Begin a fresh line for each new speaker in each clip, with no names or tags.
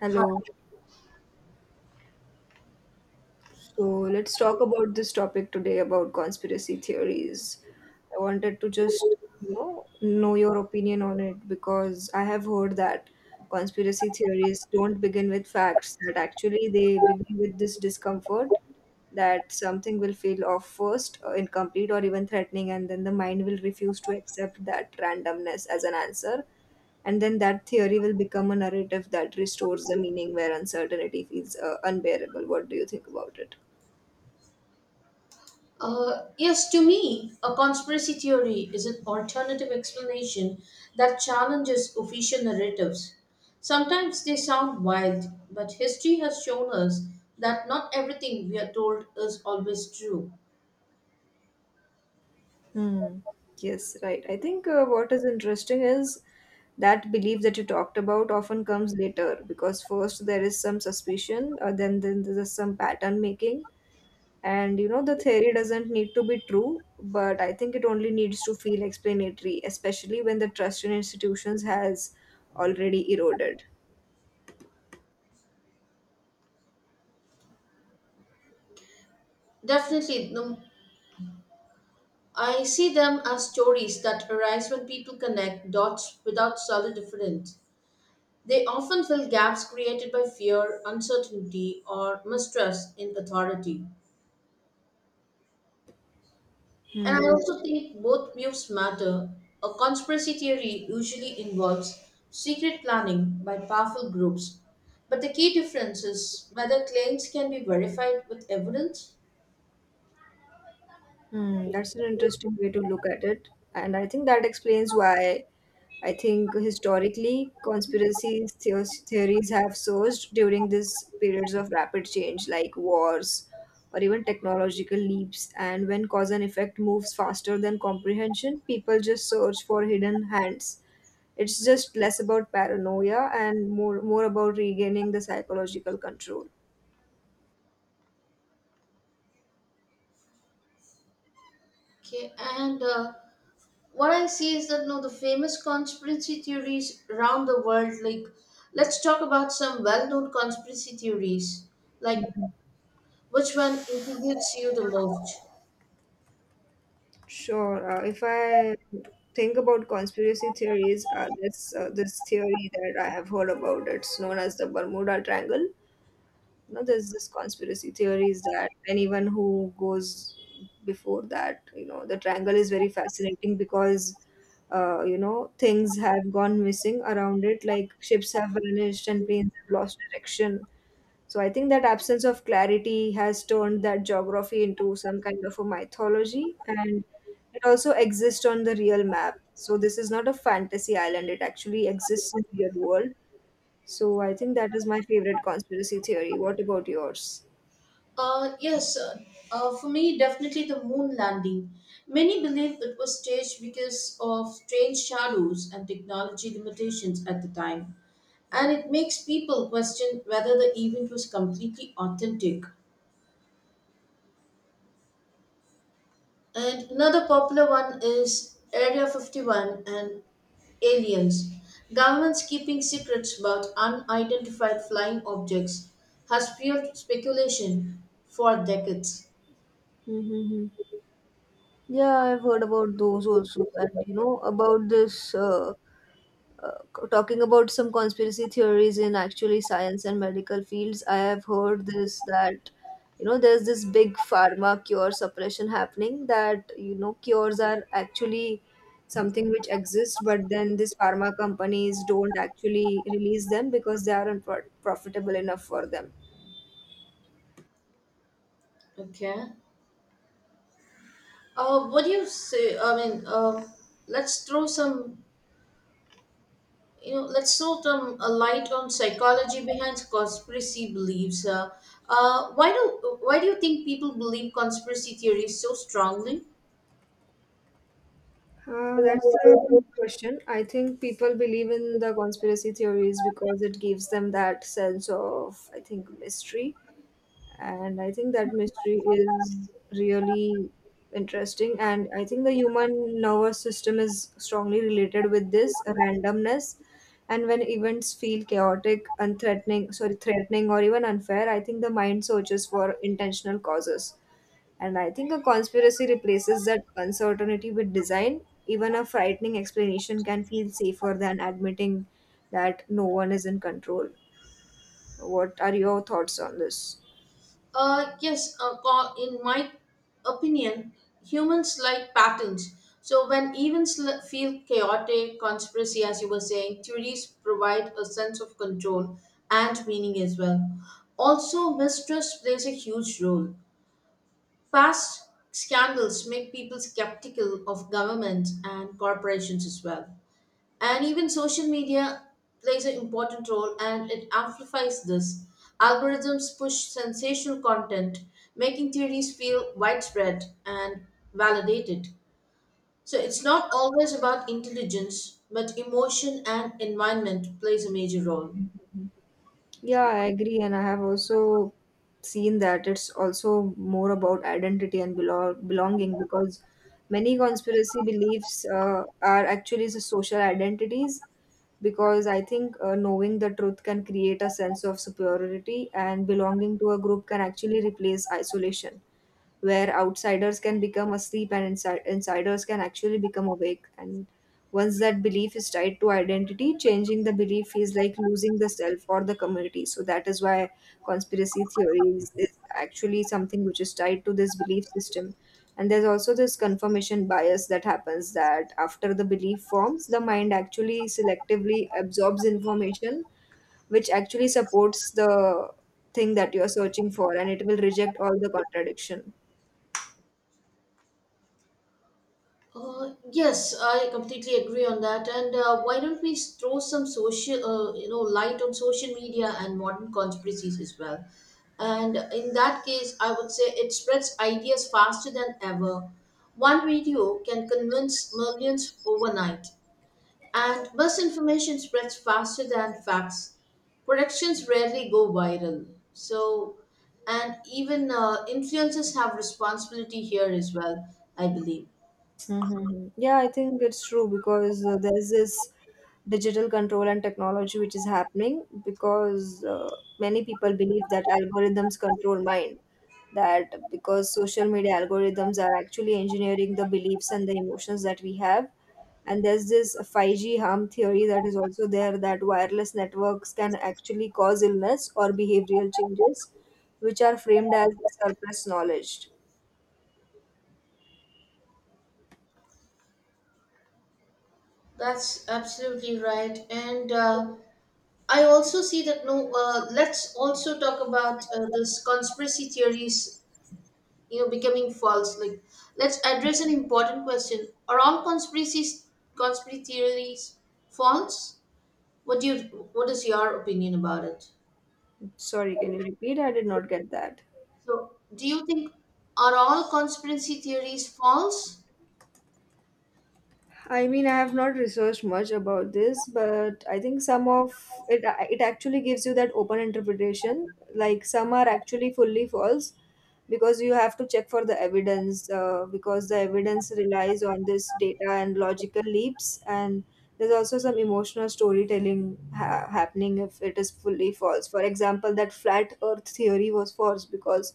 Hello. So let's talk about this topic today about conspiracy theories. I wanted to just, you know your opinion on it because I have heard that conspiracy theories don't begin with facts, that actually they begin with this discomfort that something will feel off first, incomplete, or even threatening, and then the mind will refuse to accept that randomness as an answer. And then that theory will become a narrative that restores the meaning where uncertainty feels unbearable. What do you think about it?
Yes, to me, a conspiracy theory is an alternative explanation that challenges official narratives. Sometimes they sound wild, but history has shown us that not everything we are told is always true.
Hmm. Yes, right. I think what is interesting is that belief that you talked about often comes later because first there is some suspicion, then there's some pattern making, and you know the theory doesn't need to be true, but I think it only needs to feel explanatory, especially when the trust in institutions has already eroded.
Definitely, no, I see them as stories that arise when people connect dots without solid evidence. They often fill gaps created by fear, uncertainty, or mistrust in authority. And
Hmm.
I also think both views matter. A conspiracy theory usually involves secret planning by powerful groups, but the key difference is whether claims can be verified with evidence.
Hmm, that's an interesting way to look at it. And I think that explains why I think historically theories have surged during these periods of rapid change, like wars or even technological leaps. And when cause and effect moves faster than comprehension, people just search for hidden hands. It's just less about paranoia and more about regaining the psychological control.
Okay, and what I see is that no, the famous conspiracy theories around the world, like let's talk about some well known conspiracy theories, like which one intrigues you the most?
Sure. If I think about conspiracy theories, this theory that I have heard about, it's known as the Bermuda Triangle. You know, there's this conspiracy theories that anyone who goes before that, you know, the triangle is very fascinating because you know things have gone missing around it, like ships have vanished and planes have lost direction, so I think that absence of clarity has turned that geography into some kind of a mythology, and it also exists on the real map. So this is not a fantasy island, it actually exists in real world. So I think that is my favorite conspiracy theory. What about yours?
Yes, sir. For me, definitely the moon landing. Many believe it was staged because of strange shadows and technology limitations at the time, and it makes people question whether the event was completely authentic. And another popular one is Area 51 and aliens. Governments keeping secrets about unidentified flying objects has fueled speculation for decades.
Mm-hmm. Yeah, I've heard about those also, and you know about this. Talking about some conspiracy theories in actually science and medical fields, I have heard this that, you know, there's this big pharma cure suppression happening, that, you know, cures are actually something which exists, but then these pharma companies don't actually release them because they aren't profitable enough for them.
Okay. What do you say? I mean, let's throw let's throw some a light on psychology behind conspiracy beliefs. Why do you think people believe conspiracy theories so strongly?
That's a good question. I think people believe in the conspiracy theories because it gives them that sense of, I think, mystery. And I think that mystery is really interesting, and I think the human nervous system is strongly related with this randomness. And when events feel chaotic, unthreatening, sorry, threatening or even unfair, I think the mind searches for intentional causes. And I think a conspiracy replaces that uncertainty with design. Even a frightening explanation can feel safer than admitting that no one is in control. What are your thoughts on this?
Yes, in my opinion, humans like patterns. So when events feel chaotic, conspiracy, as you were saying, theories provide a sense of control and meaning as well. Also, mistrust plays a huge role. Past scandals make people skeptical of government and corporations as well. And even social media plays an important role and it amplifies this. Algorithms push sensational content, making theories feel widespread and validated. So it's not always about intelligence, but emotion and environment plays a major role.
Mhm. Yeah, I agree, and I have also seen that it's also more about identity and belonging, because many conspiracy beliefs are actually the social identities. Because I think knowing the truth can create a sense of superiority, and belonging to a group can actually replace isolation, where outsiders can become asleep and insiders can actually become awake. And once that belief is tied to identity, changing the belief is like losing the self or the community. So that is why conspiracy theories is actually something which is tied to this belief system. And there's also this confirmation bias that happens, that after the belief forms, the mind actually selectively absorbs information which actually supports the thing that you are searching for, and it will reject all the contradiction.
Yes, I completely agree on that. And why don't we throw some social, light on social media and modern conspiracies as well? And in that case, I would say it spreads ideas faster than ever. One video can convince millions overnight, and misinformation spreads faster than facts. Productions rarely go viral. So, and even influencers have responsibility here as well, I believe.
Mm-hmm. Yeah, I think it's true because there's this digital control and technology which is happening, because many people believe that algorithms control mind. That because social media algorithms are actually engineering the beliefs and the emotions that we have. And there's this 5G harm theory that is also there, that wireless networks can actually cause illness or behavioral changes, which are framed as surplus knowledge.
That's absolutely right. And I also see that no, let's also talk about this conspiracy theories, becoming false. Like, let's address an important question. Are all conspiracy theories false? What do you, what is your opinion about it?
Sorry, can you repeat? I did not get that.
So, do you think are all conspiracy theories false?
I mean, I have not researched much about this, but I think some of it, it actually gives you that open interpretation. Like, some are actually fully false, because you have to check for the evidence, because the evidence relies on this data and logical leaps, and there's also some emotional storytelling happening if it is fully false. For example, that flat Earth theory was false because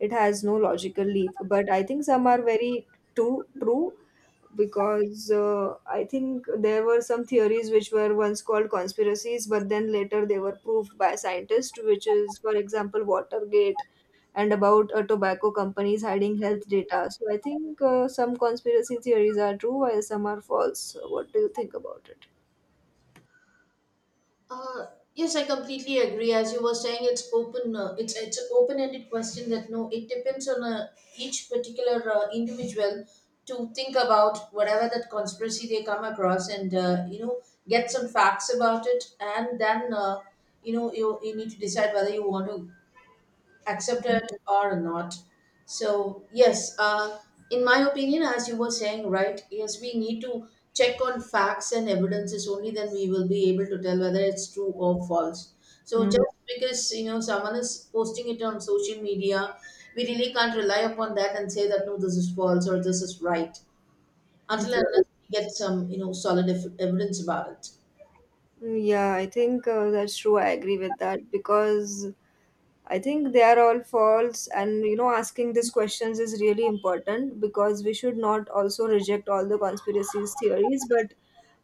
it has no logical leap, but I think some are very true, because I think there were some theories which were once called conspiracies, but then later they were proved by scientists, which is, for example, Watergate and about tobacco companies hiding health data. So I think some conspiracy theories are true while some are false. So what do you think about it?
Uh, yes, I completely agree. As you were saying, it's open. It's an open-ended question that no, it depends on each particular individual to think about whatever that conspiracy they come across, and get some facts about it, and then you need to decide whether you want to accepted or not. So, yes, in my opinion, as you were saying, right, yes, we need to check on facts and evidences only then we will be able to tell whether it's true or false. So,
Mm.
just because you know someone is posting it on social media, we really can't rely upon that and say that no, this is false or this is right until and
Yeah.
unless we get some solid evidence about it.
Yeah, I think that's true. I agree with that, because I think they are all false, and, you know, asking these questions is really important, because we should not also reject all the conspiracies theories, but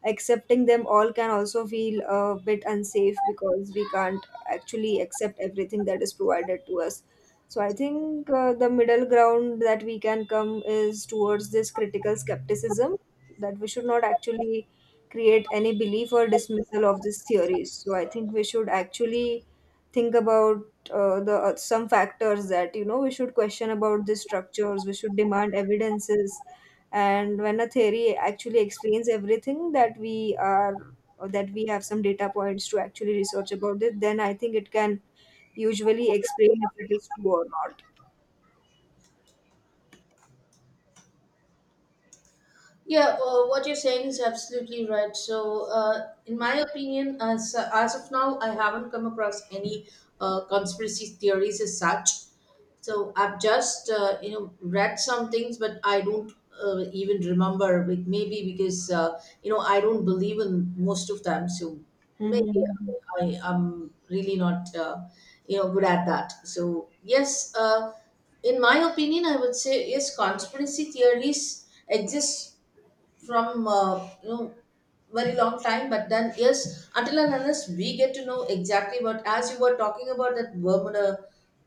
accepting them all can also feel a bit unsafe, because we can't actually accept everything that is provided to us. So I think the middle ground that we can come is towards this critical skepticism, that we should not actually create any belief or dismissal of these theories. So I think we should actually think about the some factors that, you know, we should question about these structures, we should demand evidences. And when a theory actually explains everything that we are, or that we have some data points to actually research about it, then I think it can usually explain if it is true or not.
Yeah, what you're saying is absolutely right. So, in my opinion, as of now, I haven't come across any conspiracy theories as such. So I've just read some things, but I don't even remember. With maybe because you know I don't believe in most of them. So maybe
Hmm.
I am really not good at that. So yes. In my opinion, I would say yes, conspiracy theories exist from very long time but then yes until and unless we get to know exactly what as you were talking about that Bermuda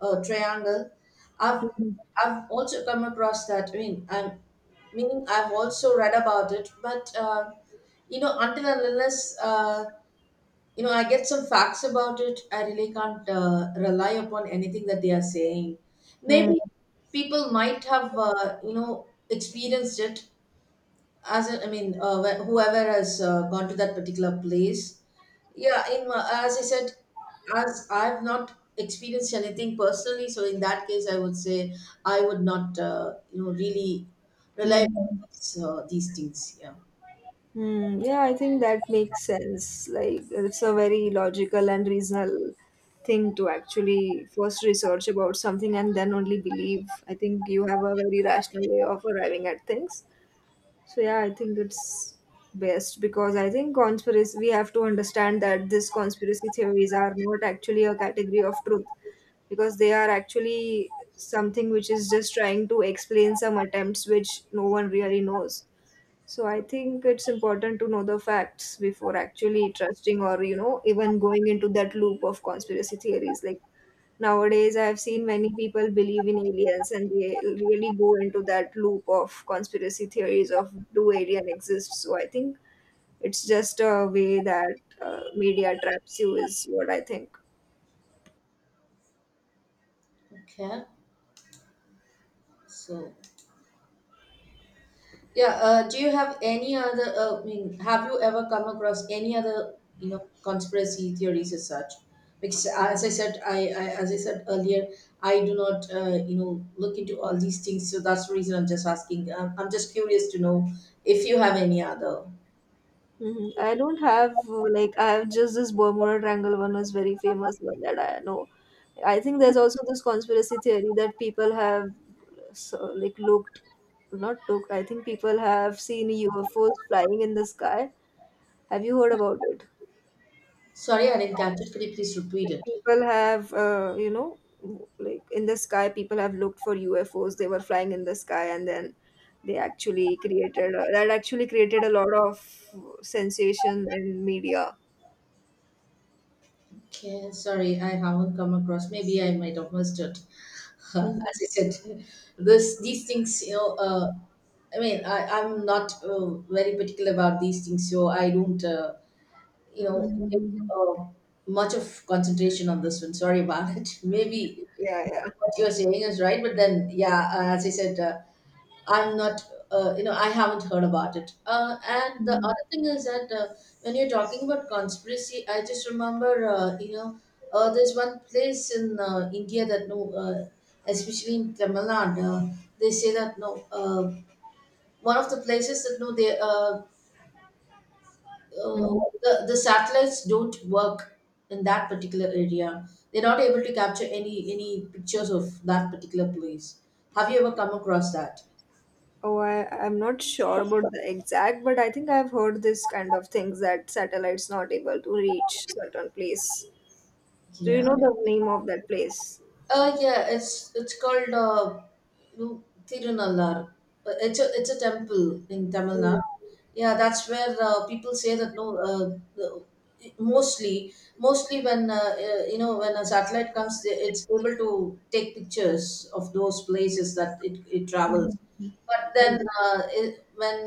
triangle. i've
Hmm.
i've also come across that. I mean, I've also read about it but until and unless I get some facts about it I really can't rely upon anything that they are saying.
Hmm.
Maybe people might have experienced it as in, I mean, whoever has gone to that particular place, yeah. As I said, as I've not experienced anything personally, so in that case, I would say I would not, really rely on
Hmm.
these things. Yeah.
Yeah, I think that makes sense. Like, it's a very logical and reasonable thing to actually first research about something and then only believe. I think you have a very rational way of arriving at things. So yeah, I think it's best, because I think conspiracy, we have to understand that these conspiracy theories are not actually a category of truth, because they are actually something which is just trying to explain some attempts which no one really knows. So I think it's important to know the facts before actually trusting or, you know, even going into that loop of conspiracy theories. Like, nowadays I've seen many people believe in aliens and they really go into that loop of conspiracy theories of do alien exist. So I think it's just a way that media traps you is what I think.
Okay. So. Yeah, do you have any other, I mean, have you ever come across any other, conspiracy theories as such? Because as I said, I as I said earlier, I do not, look into all these things. So that's the reason I'm just asking. I'm just curious to know if you have any other.
Hmm. I don't have like, I have just, this Bermuda Triangle one was very famous one that I know. I think there's also this conspiracy theory that people have, so, like looked, not looked. I think people have seen UFOs flying in the sky. Have you heard about it?
Sorry, I didn't catch it. Could you please repeat
Like,
it?
people have, you know, like in the sky, people have looked for UFOs, they were flying in the sky, and then they actually created a, that actually created a lot of sensation in media.
Okay, sorry, I haven't come across. Maybe I might have missed it.
Mhm.
As I said, this these things. I mean, I'm not very particular about these things, so I don't, give
Mhm.
uh, much of concentration on this one. Sorry about it. Maybe
Yeah, yeah.
what you're saying is right, but then, yeah, as I said, I'm not, you know, I haven't heard about it. And the
Mhm.
other thing is that when you're talking about conspiracy, I just remember, there's one place in India that no, especially in Tamil Nadu, they say that no, one of the places that no, they uh,
Mhm.
the satellites don't work in that particular area. They're not able to capture any pictures of that particular place. Have you ever come across that?
Oh, I, I'm not sure about the exact, but I think I've heard this kind of things that satellites not able to reach certain place. Do you
Yeah.
know the name of that place?
Yeah, it's called Tirunallar. It's a temple in Tamil
Mhm.
Nadu. Yeah, that's where people say that no, the- mostly when when a satellite comes, it's able to take pictures of those places that it travels. But then when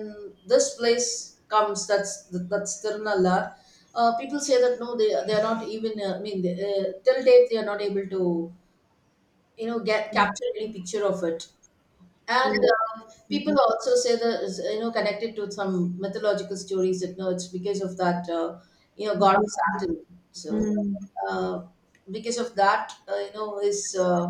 this place comes, that's Tirunallar. People say that no, they are not even. I mean, till date they are not able to get
Mhm.
capture any picture of it. And
Oh. Mhm.
people also say that is, you know connected to some mythological stories that no it's because of that god of Saturn. So
Mhm.
uh, because of that is uh,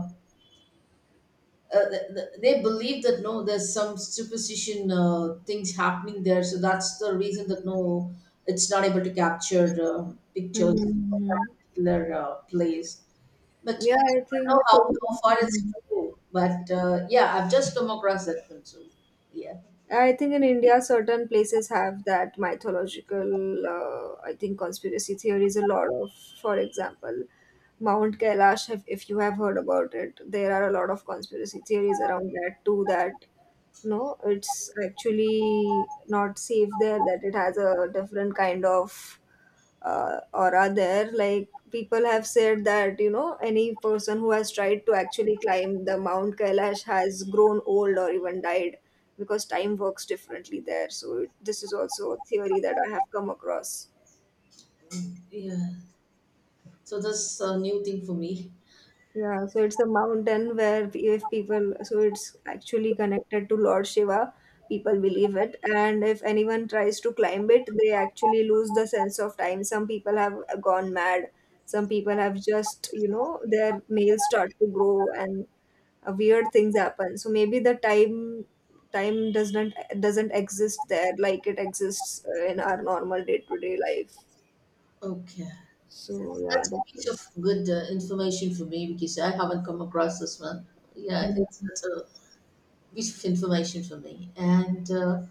uh, th- th- they believe that no there's some superstition things happening there. So that's the reason that no it's not able to capture pictures of that
Hmm.
particular place. But
Yeah, I
I don't
think.
know how far it's
Mhm.
true. But yeah, I've just come across that film. So yeah,
I think in India, certain places have that mythological, I think, conspiracy theories a lot of. For example, Mount Kailash, if you have heard about it, there are a lot of conspiracy theories around that too. That no, it's actually not safe there. That it has a different kind of or are there, like, people have said that, you know, any person who has tried to actually climb the Mount Kailash has grown old or even died, because time works differently there. So it, this is also a theory that I have come across.
yeah. So that's a new thing for me.
Yeah, so it's a mountain where p- if people, so it's actually connected to Lord Shiva, people believe it. And if anyone tries to climb it, they actually lose the sense of time. Some people have gone mad. Some people have just, you know, their nails start to grow, and weird things happen. So maybe the time doesn't exist there like it exists in our normal day-to-day life.
Okay,
So yeah,
that's a
that
piece
is.
of good information for me because I haven't come across this one. Yeah, it's,
Mm-hmm.
it's a piece of information for me. And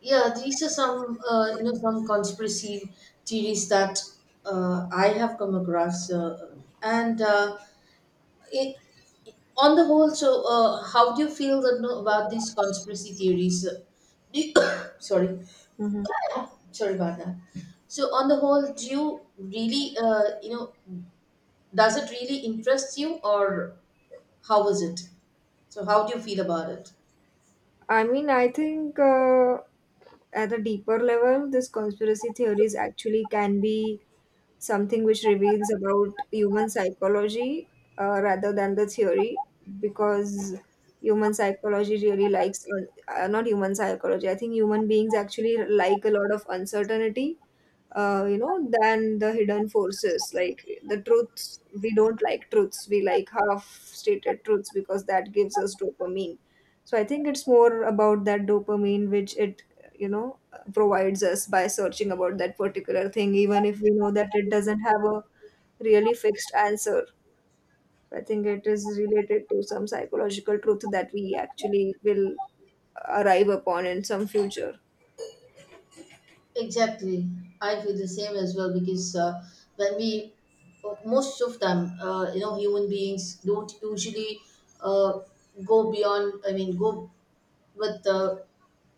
yeah, these are some you know some conspiracy theories that I have come across. And it on the whole so how do you feel that, no, about these conspiracy theories? Do you, sorry
Mm-hmm.
sorry about that, so on the whole do you really does it really interest you, or how is it, so how do you feel about it?
I mean, I think at a deeper level, this conspiracy theories actually can be something which reveals about human psychology, rather than the theory, because human psychology really likes, not human psychology, I think human beings actually like a lot of uncertainty, you know, than the hidden forces. Like the truths, we don't like truths, we like half stated truths because that gives us dopamine. So I think it's more about that dopamine which you know, provides us by searching about that particular thing, even if we know that it doesn't have a really fixed answer. I think it is related to some psychological truth that we actually will arrive upon in some future.
Exactly. I feel the same as well, because when we, most of them, human beings don't usually uh, go beyond. I mean, go with the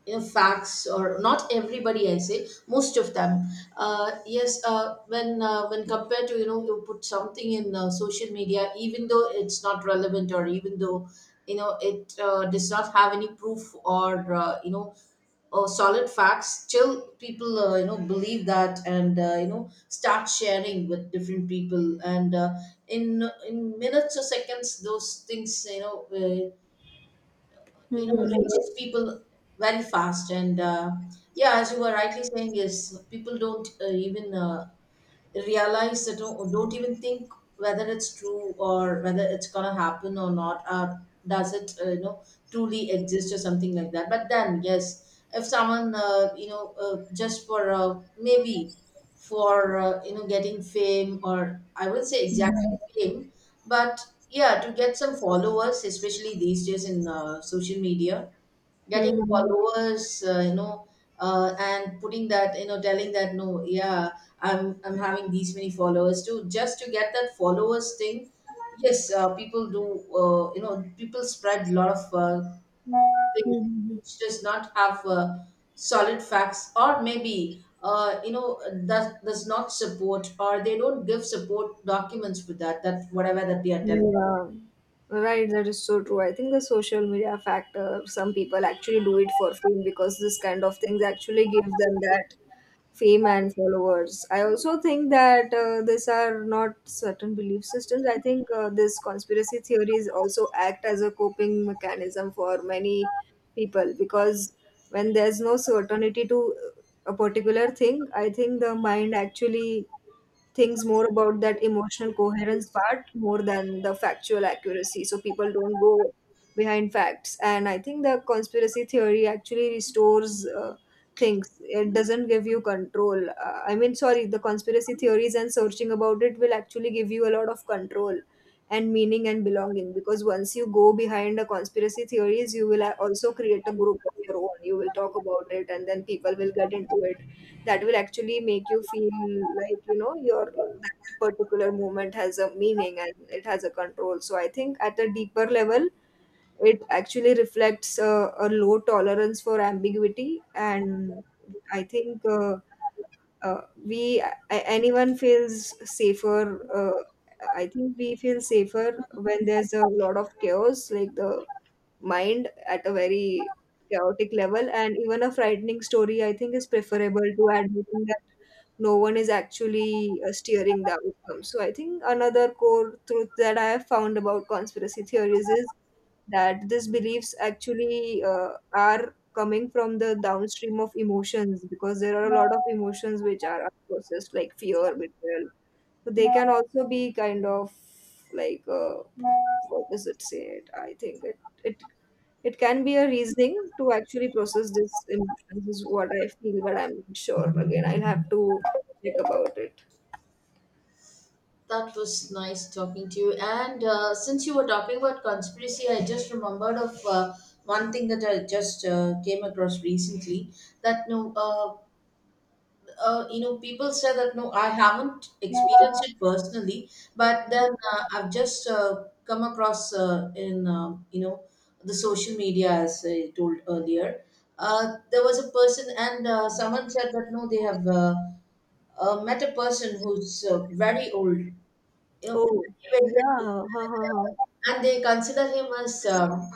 facts, or not everybody, I say most of them. Yes, when compared to, you put something in social media, even though it's not relevant, or even though it does not have any proof, or or solid facts, still people believe that, and start sharing with different people. And in minutes or seconds, those things, uh, it
hmm
reaches people very fast. And yeah, as you were rightly saying, yes, people don't even realize that, don't even think whether it's true, or whether it's gonna happen or not, or does it truly exist, or something like that. But then yes, if someone just for maybe, for getting fame, or I wouldn't say exactly fame, but yeah, to get some followers, especially these days in social media. Getting
hmm
followers, and putting that, telling that no, yeah, I'm having these many followers too, just to get that followers thing. Yes, people do, people spread a lot of things
hmm
which does not have solid facts, or maybe that does not support, or they don't give support documents for that, that whatever that they are telling.
Yeah, right. That is so true. I think the social media factor, some people actually do it for fame because this kind of things actually give them that fame and followers. I also think that these are not certain belief systems. I think this conspiracy theories also act as a coping mechanism for many people because when there's no certainty to a particular thing, I think the mind actually Things more about that emotional coherence part more than the factual accuracy. So people don't go behind facts. And I think the conspiracy theory actually restores things. It doesn't give you control. I mean, sorry, the conspiracy theories and searching about it will actually give you a lot of control and meaning and belonging because once you go behind the conspiracy theories you will also create a group of your own, you will talk about it and then people will get into it, that will actually make you feel like you know your that particular moment has a meaning and it has a control. So I think at a deeper level it actually reflects a low tolerance for ambiguity. And I think uh, we anyone feels safer uh, I think we feel safer when there's a lot of chaos, like the mind at a very chaotic level, and even a frightening story I think is preferable to admitting that no one is actually steering the outcome. So I think another core truth that I have found about conspiracy theories is that these beliefs actually are coming from the downstream of emotions, because there are a lot of emotions which are unprocessed, like fear, betrayal. So they can also be kind of like what does it say it I think it it it can be a reasoning to actually process this emotions, is what I feel, but I'm not sure. Again, I'll have to think about it.
That was nice talking to you. And since you were talking about conspiracy, I just remembered of one thing that I just came across recently. That no, people say that no, I haven't experienced it personally, but then I've just come across, in the social media, as I told earlier. There was a person, and someone said that no, they have met a person who's very old, you know,
Oh,
very-
yeah. Ha, ha, ha.
and they consider him as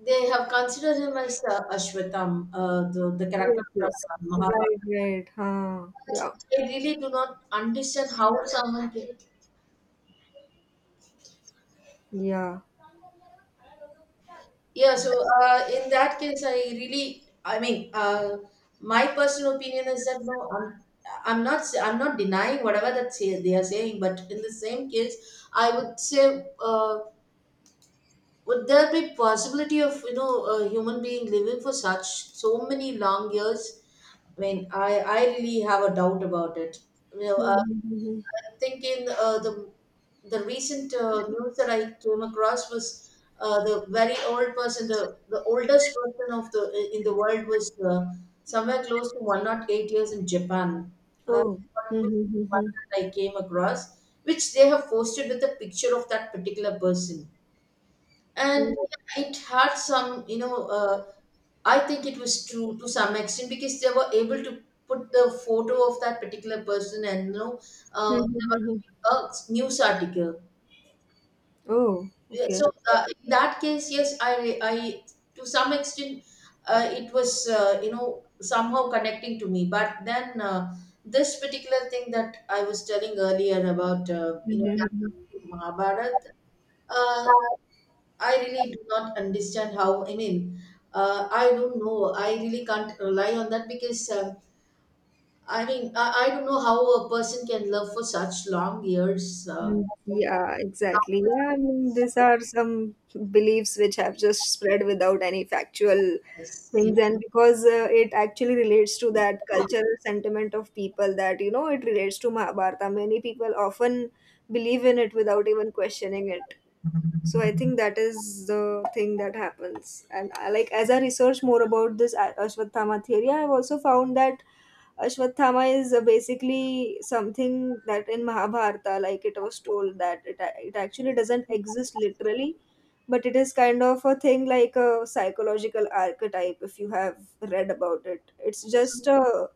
they have considered him as Ashwatam, the
Yes,
character from
yes. Right,
Mahabharata.
right. Huh. Yeah.
I really do not understand how someone can.
Yeah.
Yeah, so in that case, I really, I mean, my personal opinion is that no, I'm not, I'm not denying whatever that say, they are saying, but in the same case, I would say. Would there be possibility of, a human being living for such so many long years? I mean, I really have a doubt about it, you know uh,
Mm-hmm.
I think in the recent news that I came across was the very old person, the oldest person of the, in the world, was somewhere close to 108 years in Japan. That's
Oh.
what was one
Mm-hmm.
that I came across, which they have posted with a picture of that particular person. And it had some, I think it was true to some extent, because they were able to put the photo of that particular person. And, they were
Mm-hmm.
giving a news article.
Oh,
Yeah,
okay.
so in that case, yes, I to some extent, it was, somehow connecting to me. But then this particular thing that I was telling earlier about,
Mm-hmm.
Mahabharata, uh, I really do not understand how. I mean, I don't know, I really can't rely on that because I mean, I don't know how a person can love for such long years.
Mm. Yeah, exactly. Yeah, I mean, these are some beliefs which have just spread without any factual
Yes, yeah,
things. And because it actually relates to that cultural sentiment of people, that you know it relates to Mahabharata, many people often believe in it without even questioning it. So I think that is the thing that happens. And I, like as I research more about this Ashwatthama theory, I have also found that Ashwatthama is basically something that in Mahabharata, like it was told that it actually doesn't exist literally, but it is kind of a thing like a psychological archetype. If you have read about it, it's just a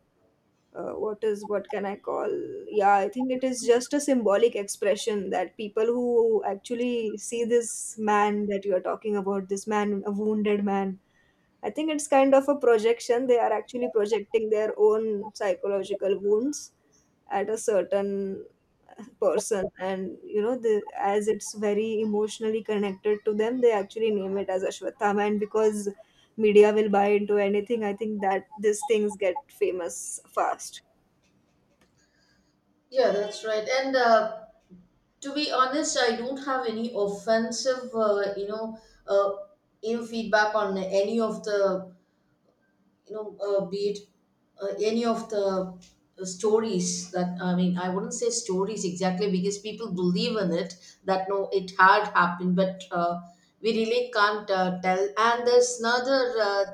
what is, what can I call? Yeah, I think it is just a symbolic expression that people who actually see this man that you are talking about, this man, a wounded man, I think it's kind of a projection. They are actually projecting their own psychological wounds at a certain person. And you know the, as it's very emotionally connected to them, they actually name it as ashwatthama. And because media will buy into anything, I think that these things get famous fast.
Yeah, that's right. And to be honest, I don't have any offensive, uh, feedback on any of the, be it any of the stories that, I mean, I wouldn't say stories exactly, because people believe in it that no, it had happened. But we really can't tell. And there's another,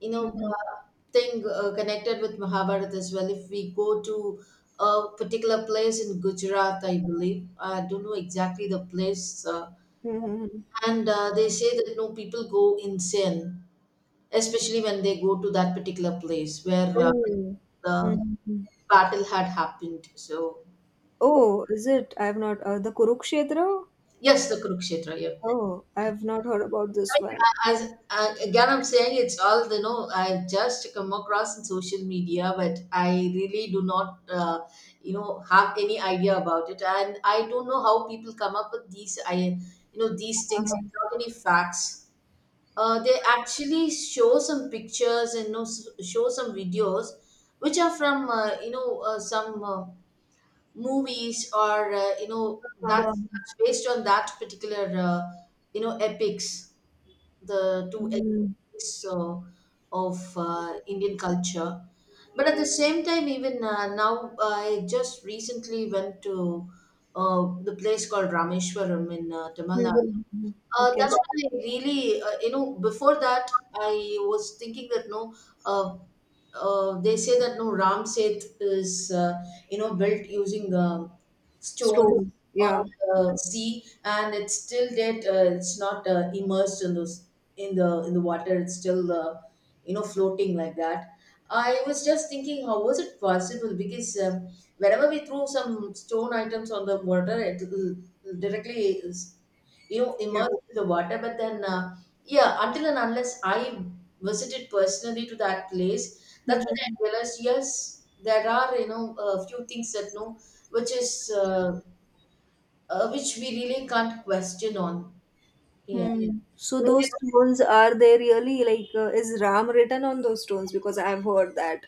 you know,
Mhm.
uh, thing connected with Mahabharata as well. If we go to a particular place in Gujarat, I believe, I don't know exactly the place.
Mhm.
And they say that no, people go insane, especially when they go to that particular place where
Oh.
the
Mhm.
battle had happened. So
Oh, is it? I have not the kurukshetra.
yes, the Kurukshetra. Yeah.
Oh, I have not heard about this
I mean,
one.
as again, I'm saying it's all, you know, I've just come across in social media, but I really do not, have any idea about it, and I don't know how people come up with these, I, these things
Uh-huh.
without any facts. They actually show some pictures, and, show some videos which are from, some. Movies, or
Uh-huh.
that's based on that particular epics, the two
Mm.
epics of Indian culture. But at the same time, even now, I just recently went to the place called Rameshwaram in Tamil
Mhm,
Nadu.
mhm, mhm. Okay.
That's when I really, before that, I was thinking that no, uh, they say that no, Ram Seth is, built using stone
Stones.
on
Yeah.
the sea, and it's still that it's not immersed in those, in the, in the water. It's still, floating like that. I was just thinking, how was it possible? Because whenever we throw some stone items on the water, it will directly,
Yeah.
immersed in the water. But then, yeah, until and unless I visited personally to that place, that's when I
Mhm,
realized, yes, there are, a few things that no, which is which we really can't question on. Yeah,
mhm. So those
whereas
stones, are they really like, is Ram written on those stones? Because I've heard that.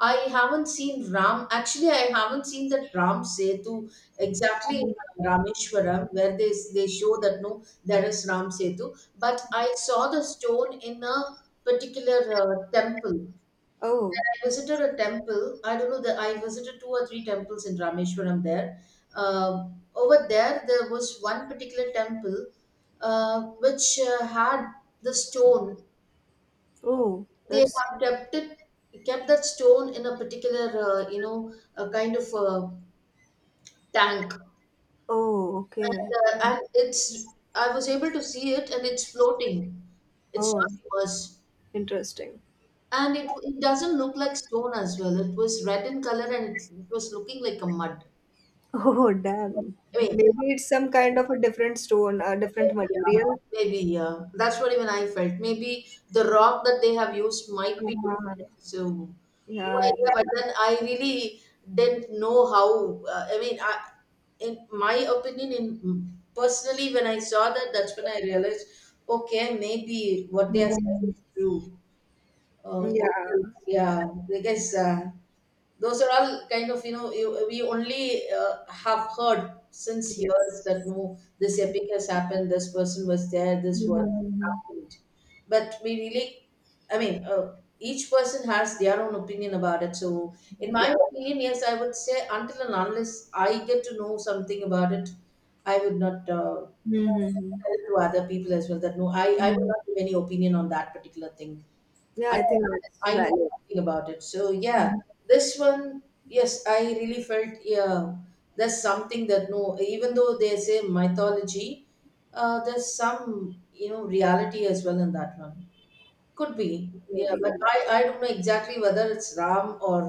I haven't seen Ram. Actually, I haven't seen that Ram Setu exactly
Um,
in Rameshwaram where they show that no, there is Ram Setu. But I saw the stone in a particular temple.
Oh,
I visited a temple. I don't know that I visited two or three temples in Rameshwaram there. Uh, Over there, there was one particular temple which had the stone.
oh,
They have
that's
kept it, kept that stone in a particular, a kind of, tank.
oh, okay.
And, and it's, I was able to see it, and it's floating. It's
Oh,
not immersed.
interesting.
And it doesn't look like stone as well. It was red in color, and it was looking like a mud.
Oh, damn.
I mean,
Maybe it's some kind of a different stone, a different
yeah,
material.
maybe, yeah. That's what even I felt. Maybe the rock that they have used might be
Uh,
different. So, no
yeah.
idea. But then I really didn't know how. I mean, I, in my opinion, in personally, when I saw that, that's when I realized, okay, maybe what they are saying
Mhm.
is true. Uh,
Yeah.
yeah, I guess. Those are all kind of, you know, you, we only have heard since
Yes.
years that no, this epic has happened, this person was there, this was
Mhm.
happened, but we really, I mean, each person has their own opinion about it. So in my
Yeah.
opinion, yes, I would say, until and unless I get to know something about it, I would not
Mhm.
tell
Yeah.
it to other people as well. That no, I would
Mm.
not give any opinion on that particular thing.
Yeah,
I
I think that's
I know
valid.
nothing about it. So yeah, this one, yes, I really felt, yeah, there's something that no, even though they say mythology, there's some, reality as well in that one. Could be, yeah,
Maybe.
but
Yeah.
I don't know exactly whether it's Ram, or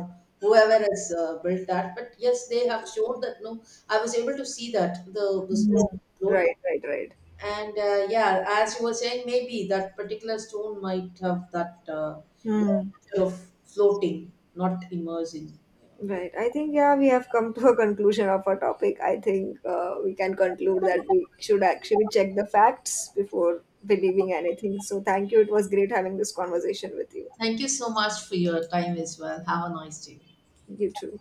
whoever has built that. But yes, they have shown that no, I was able to see that the stone.
Mm. Right, right, right.
And yeah, as you were saying, maybe that particular stone might have that you
Mm.
of floating, not immersing.
Right. I think, yeah, we have come to a conclusion of our topic. I think we can conclude that we should actually check the facts before believing anything. So, thank you. It was great having this conversation with you.
Thank you so much for your time as well. Have a nice day.
You too.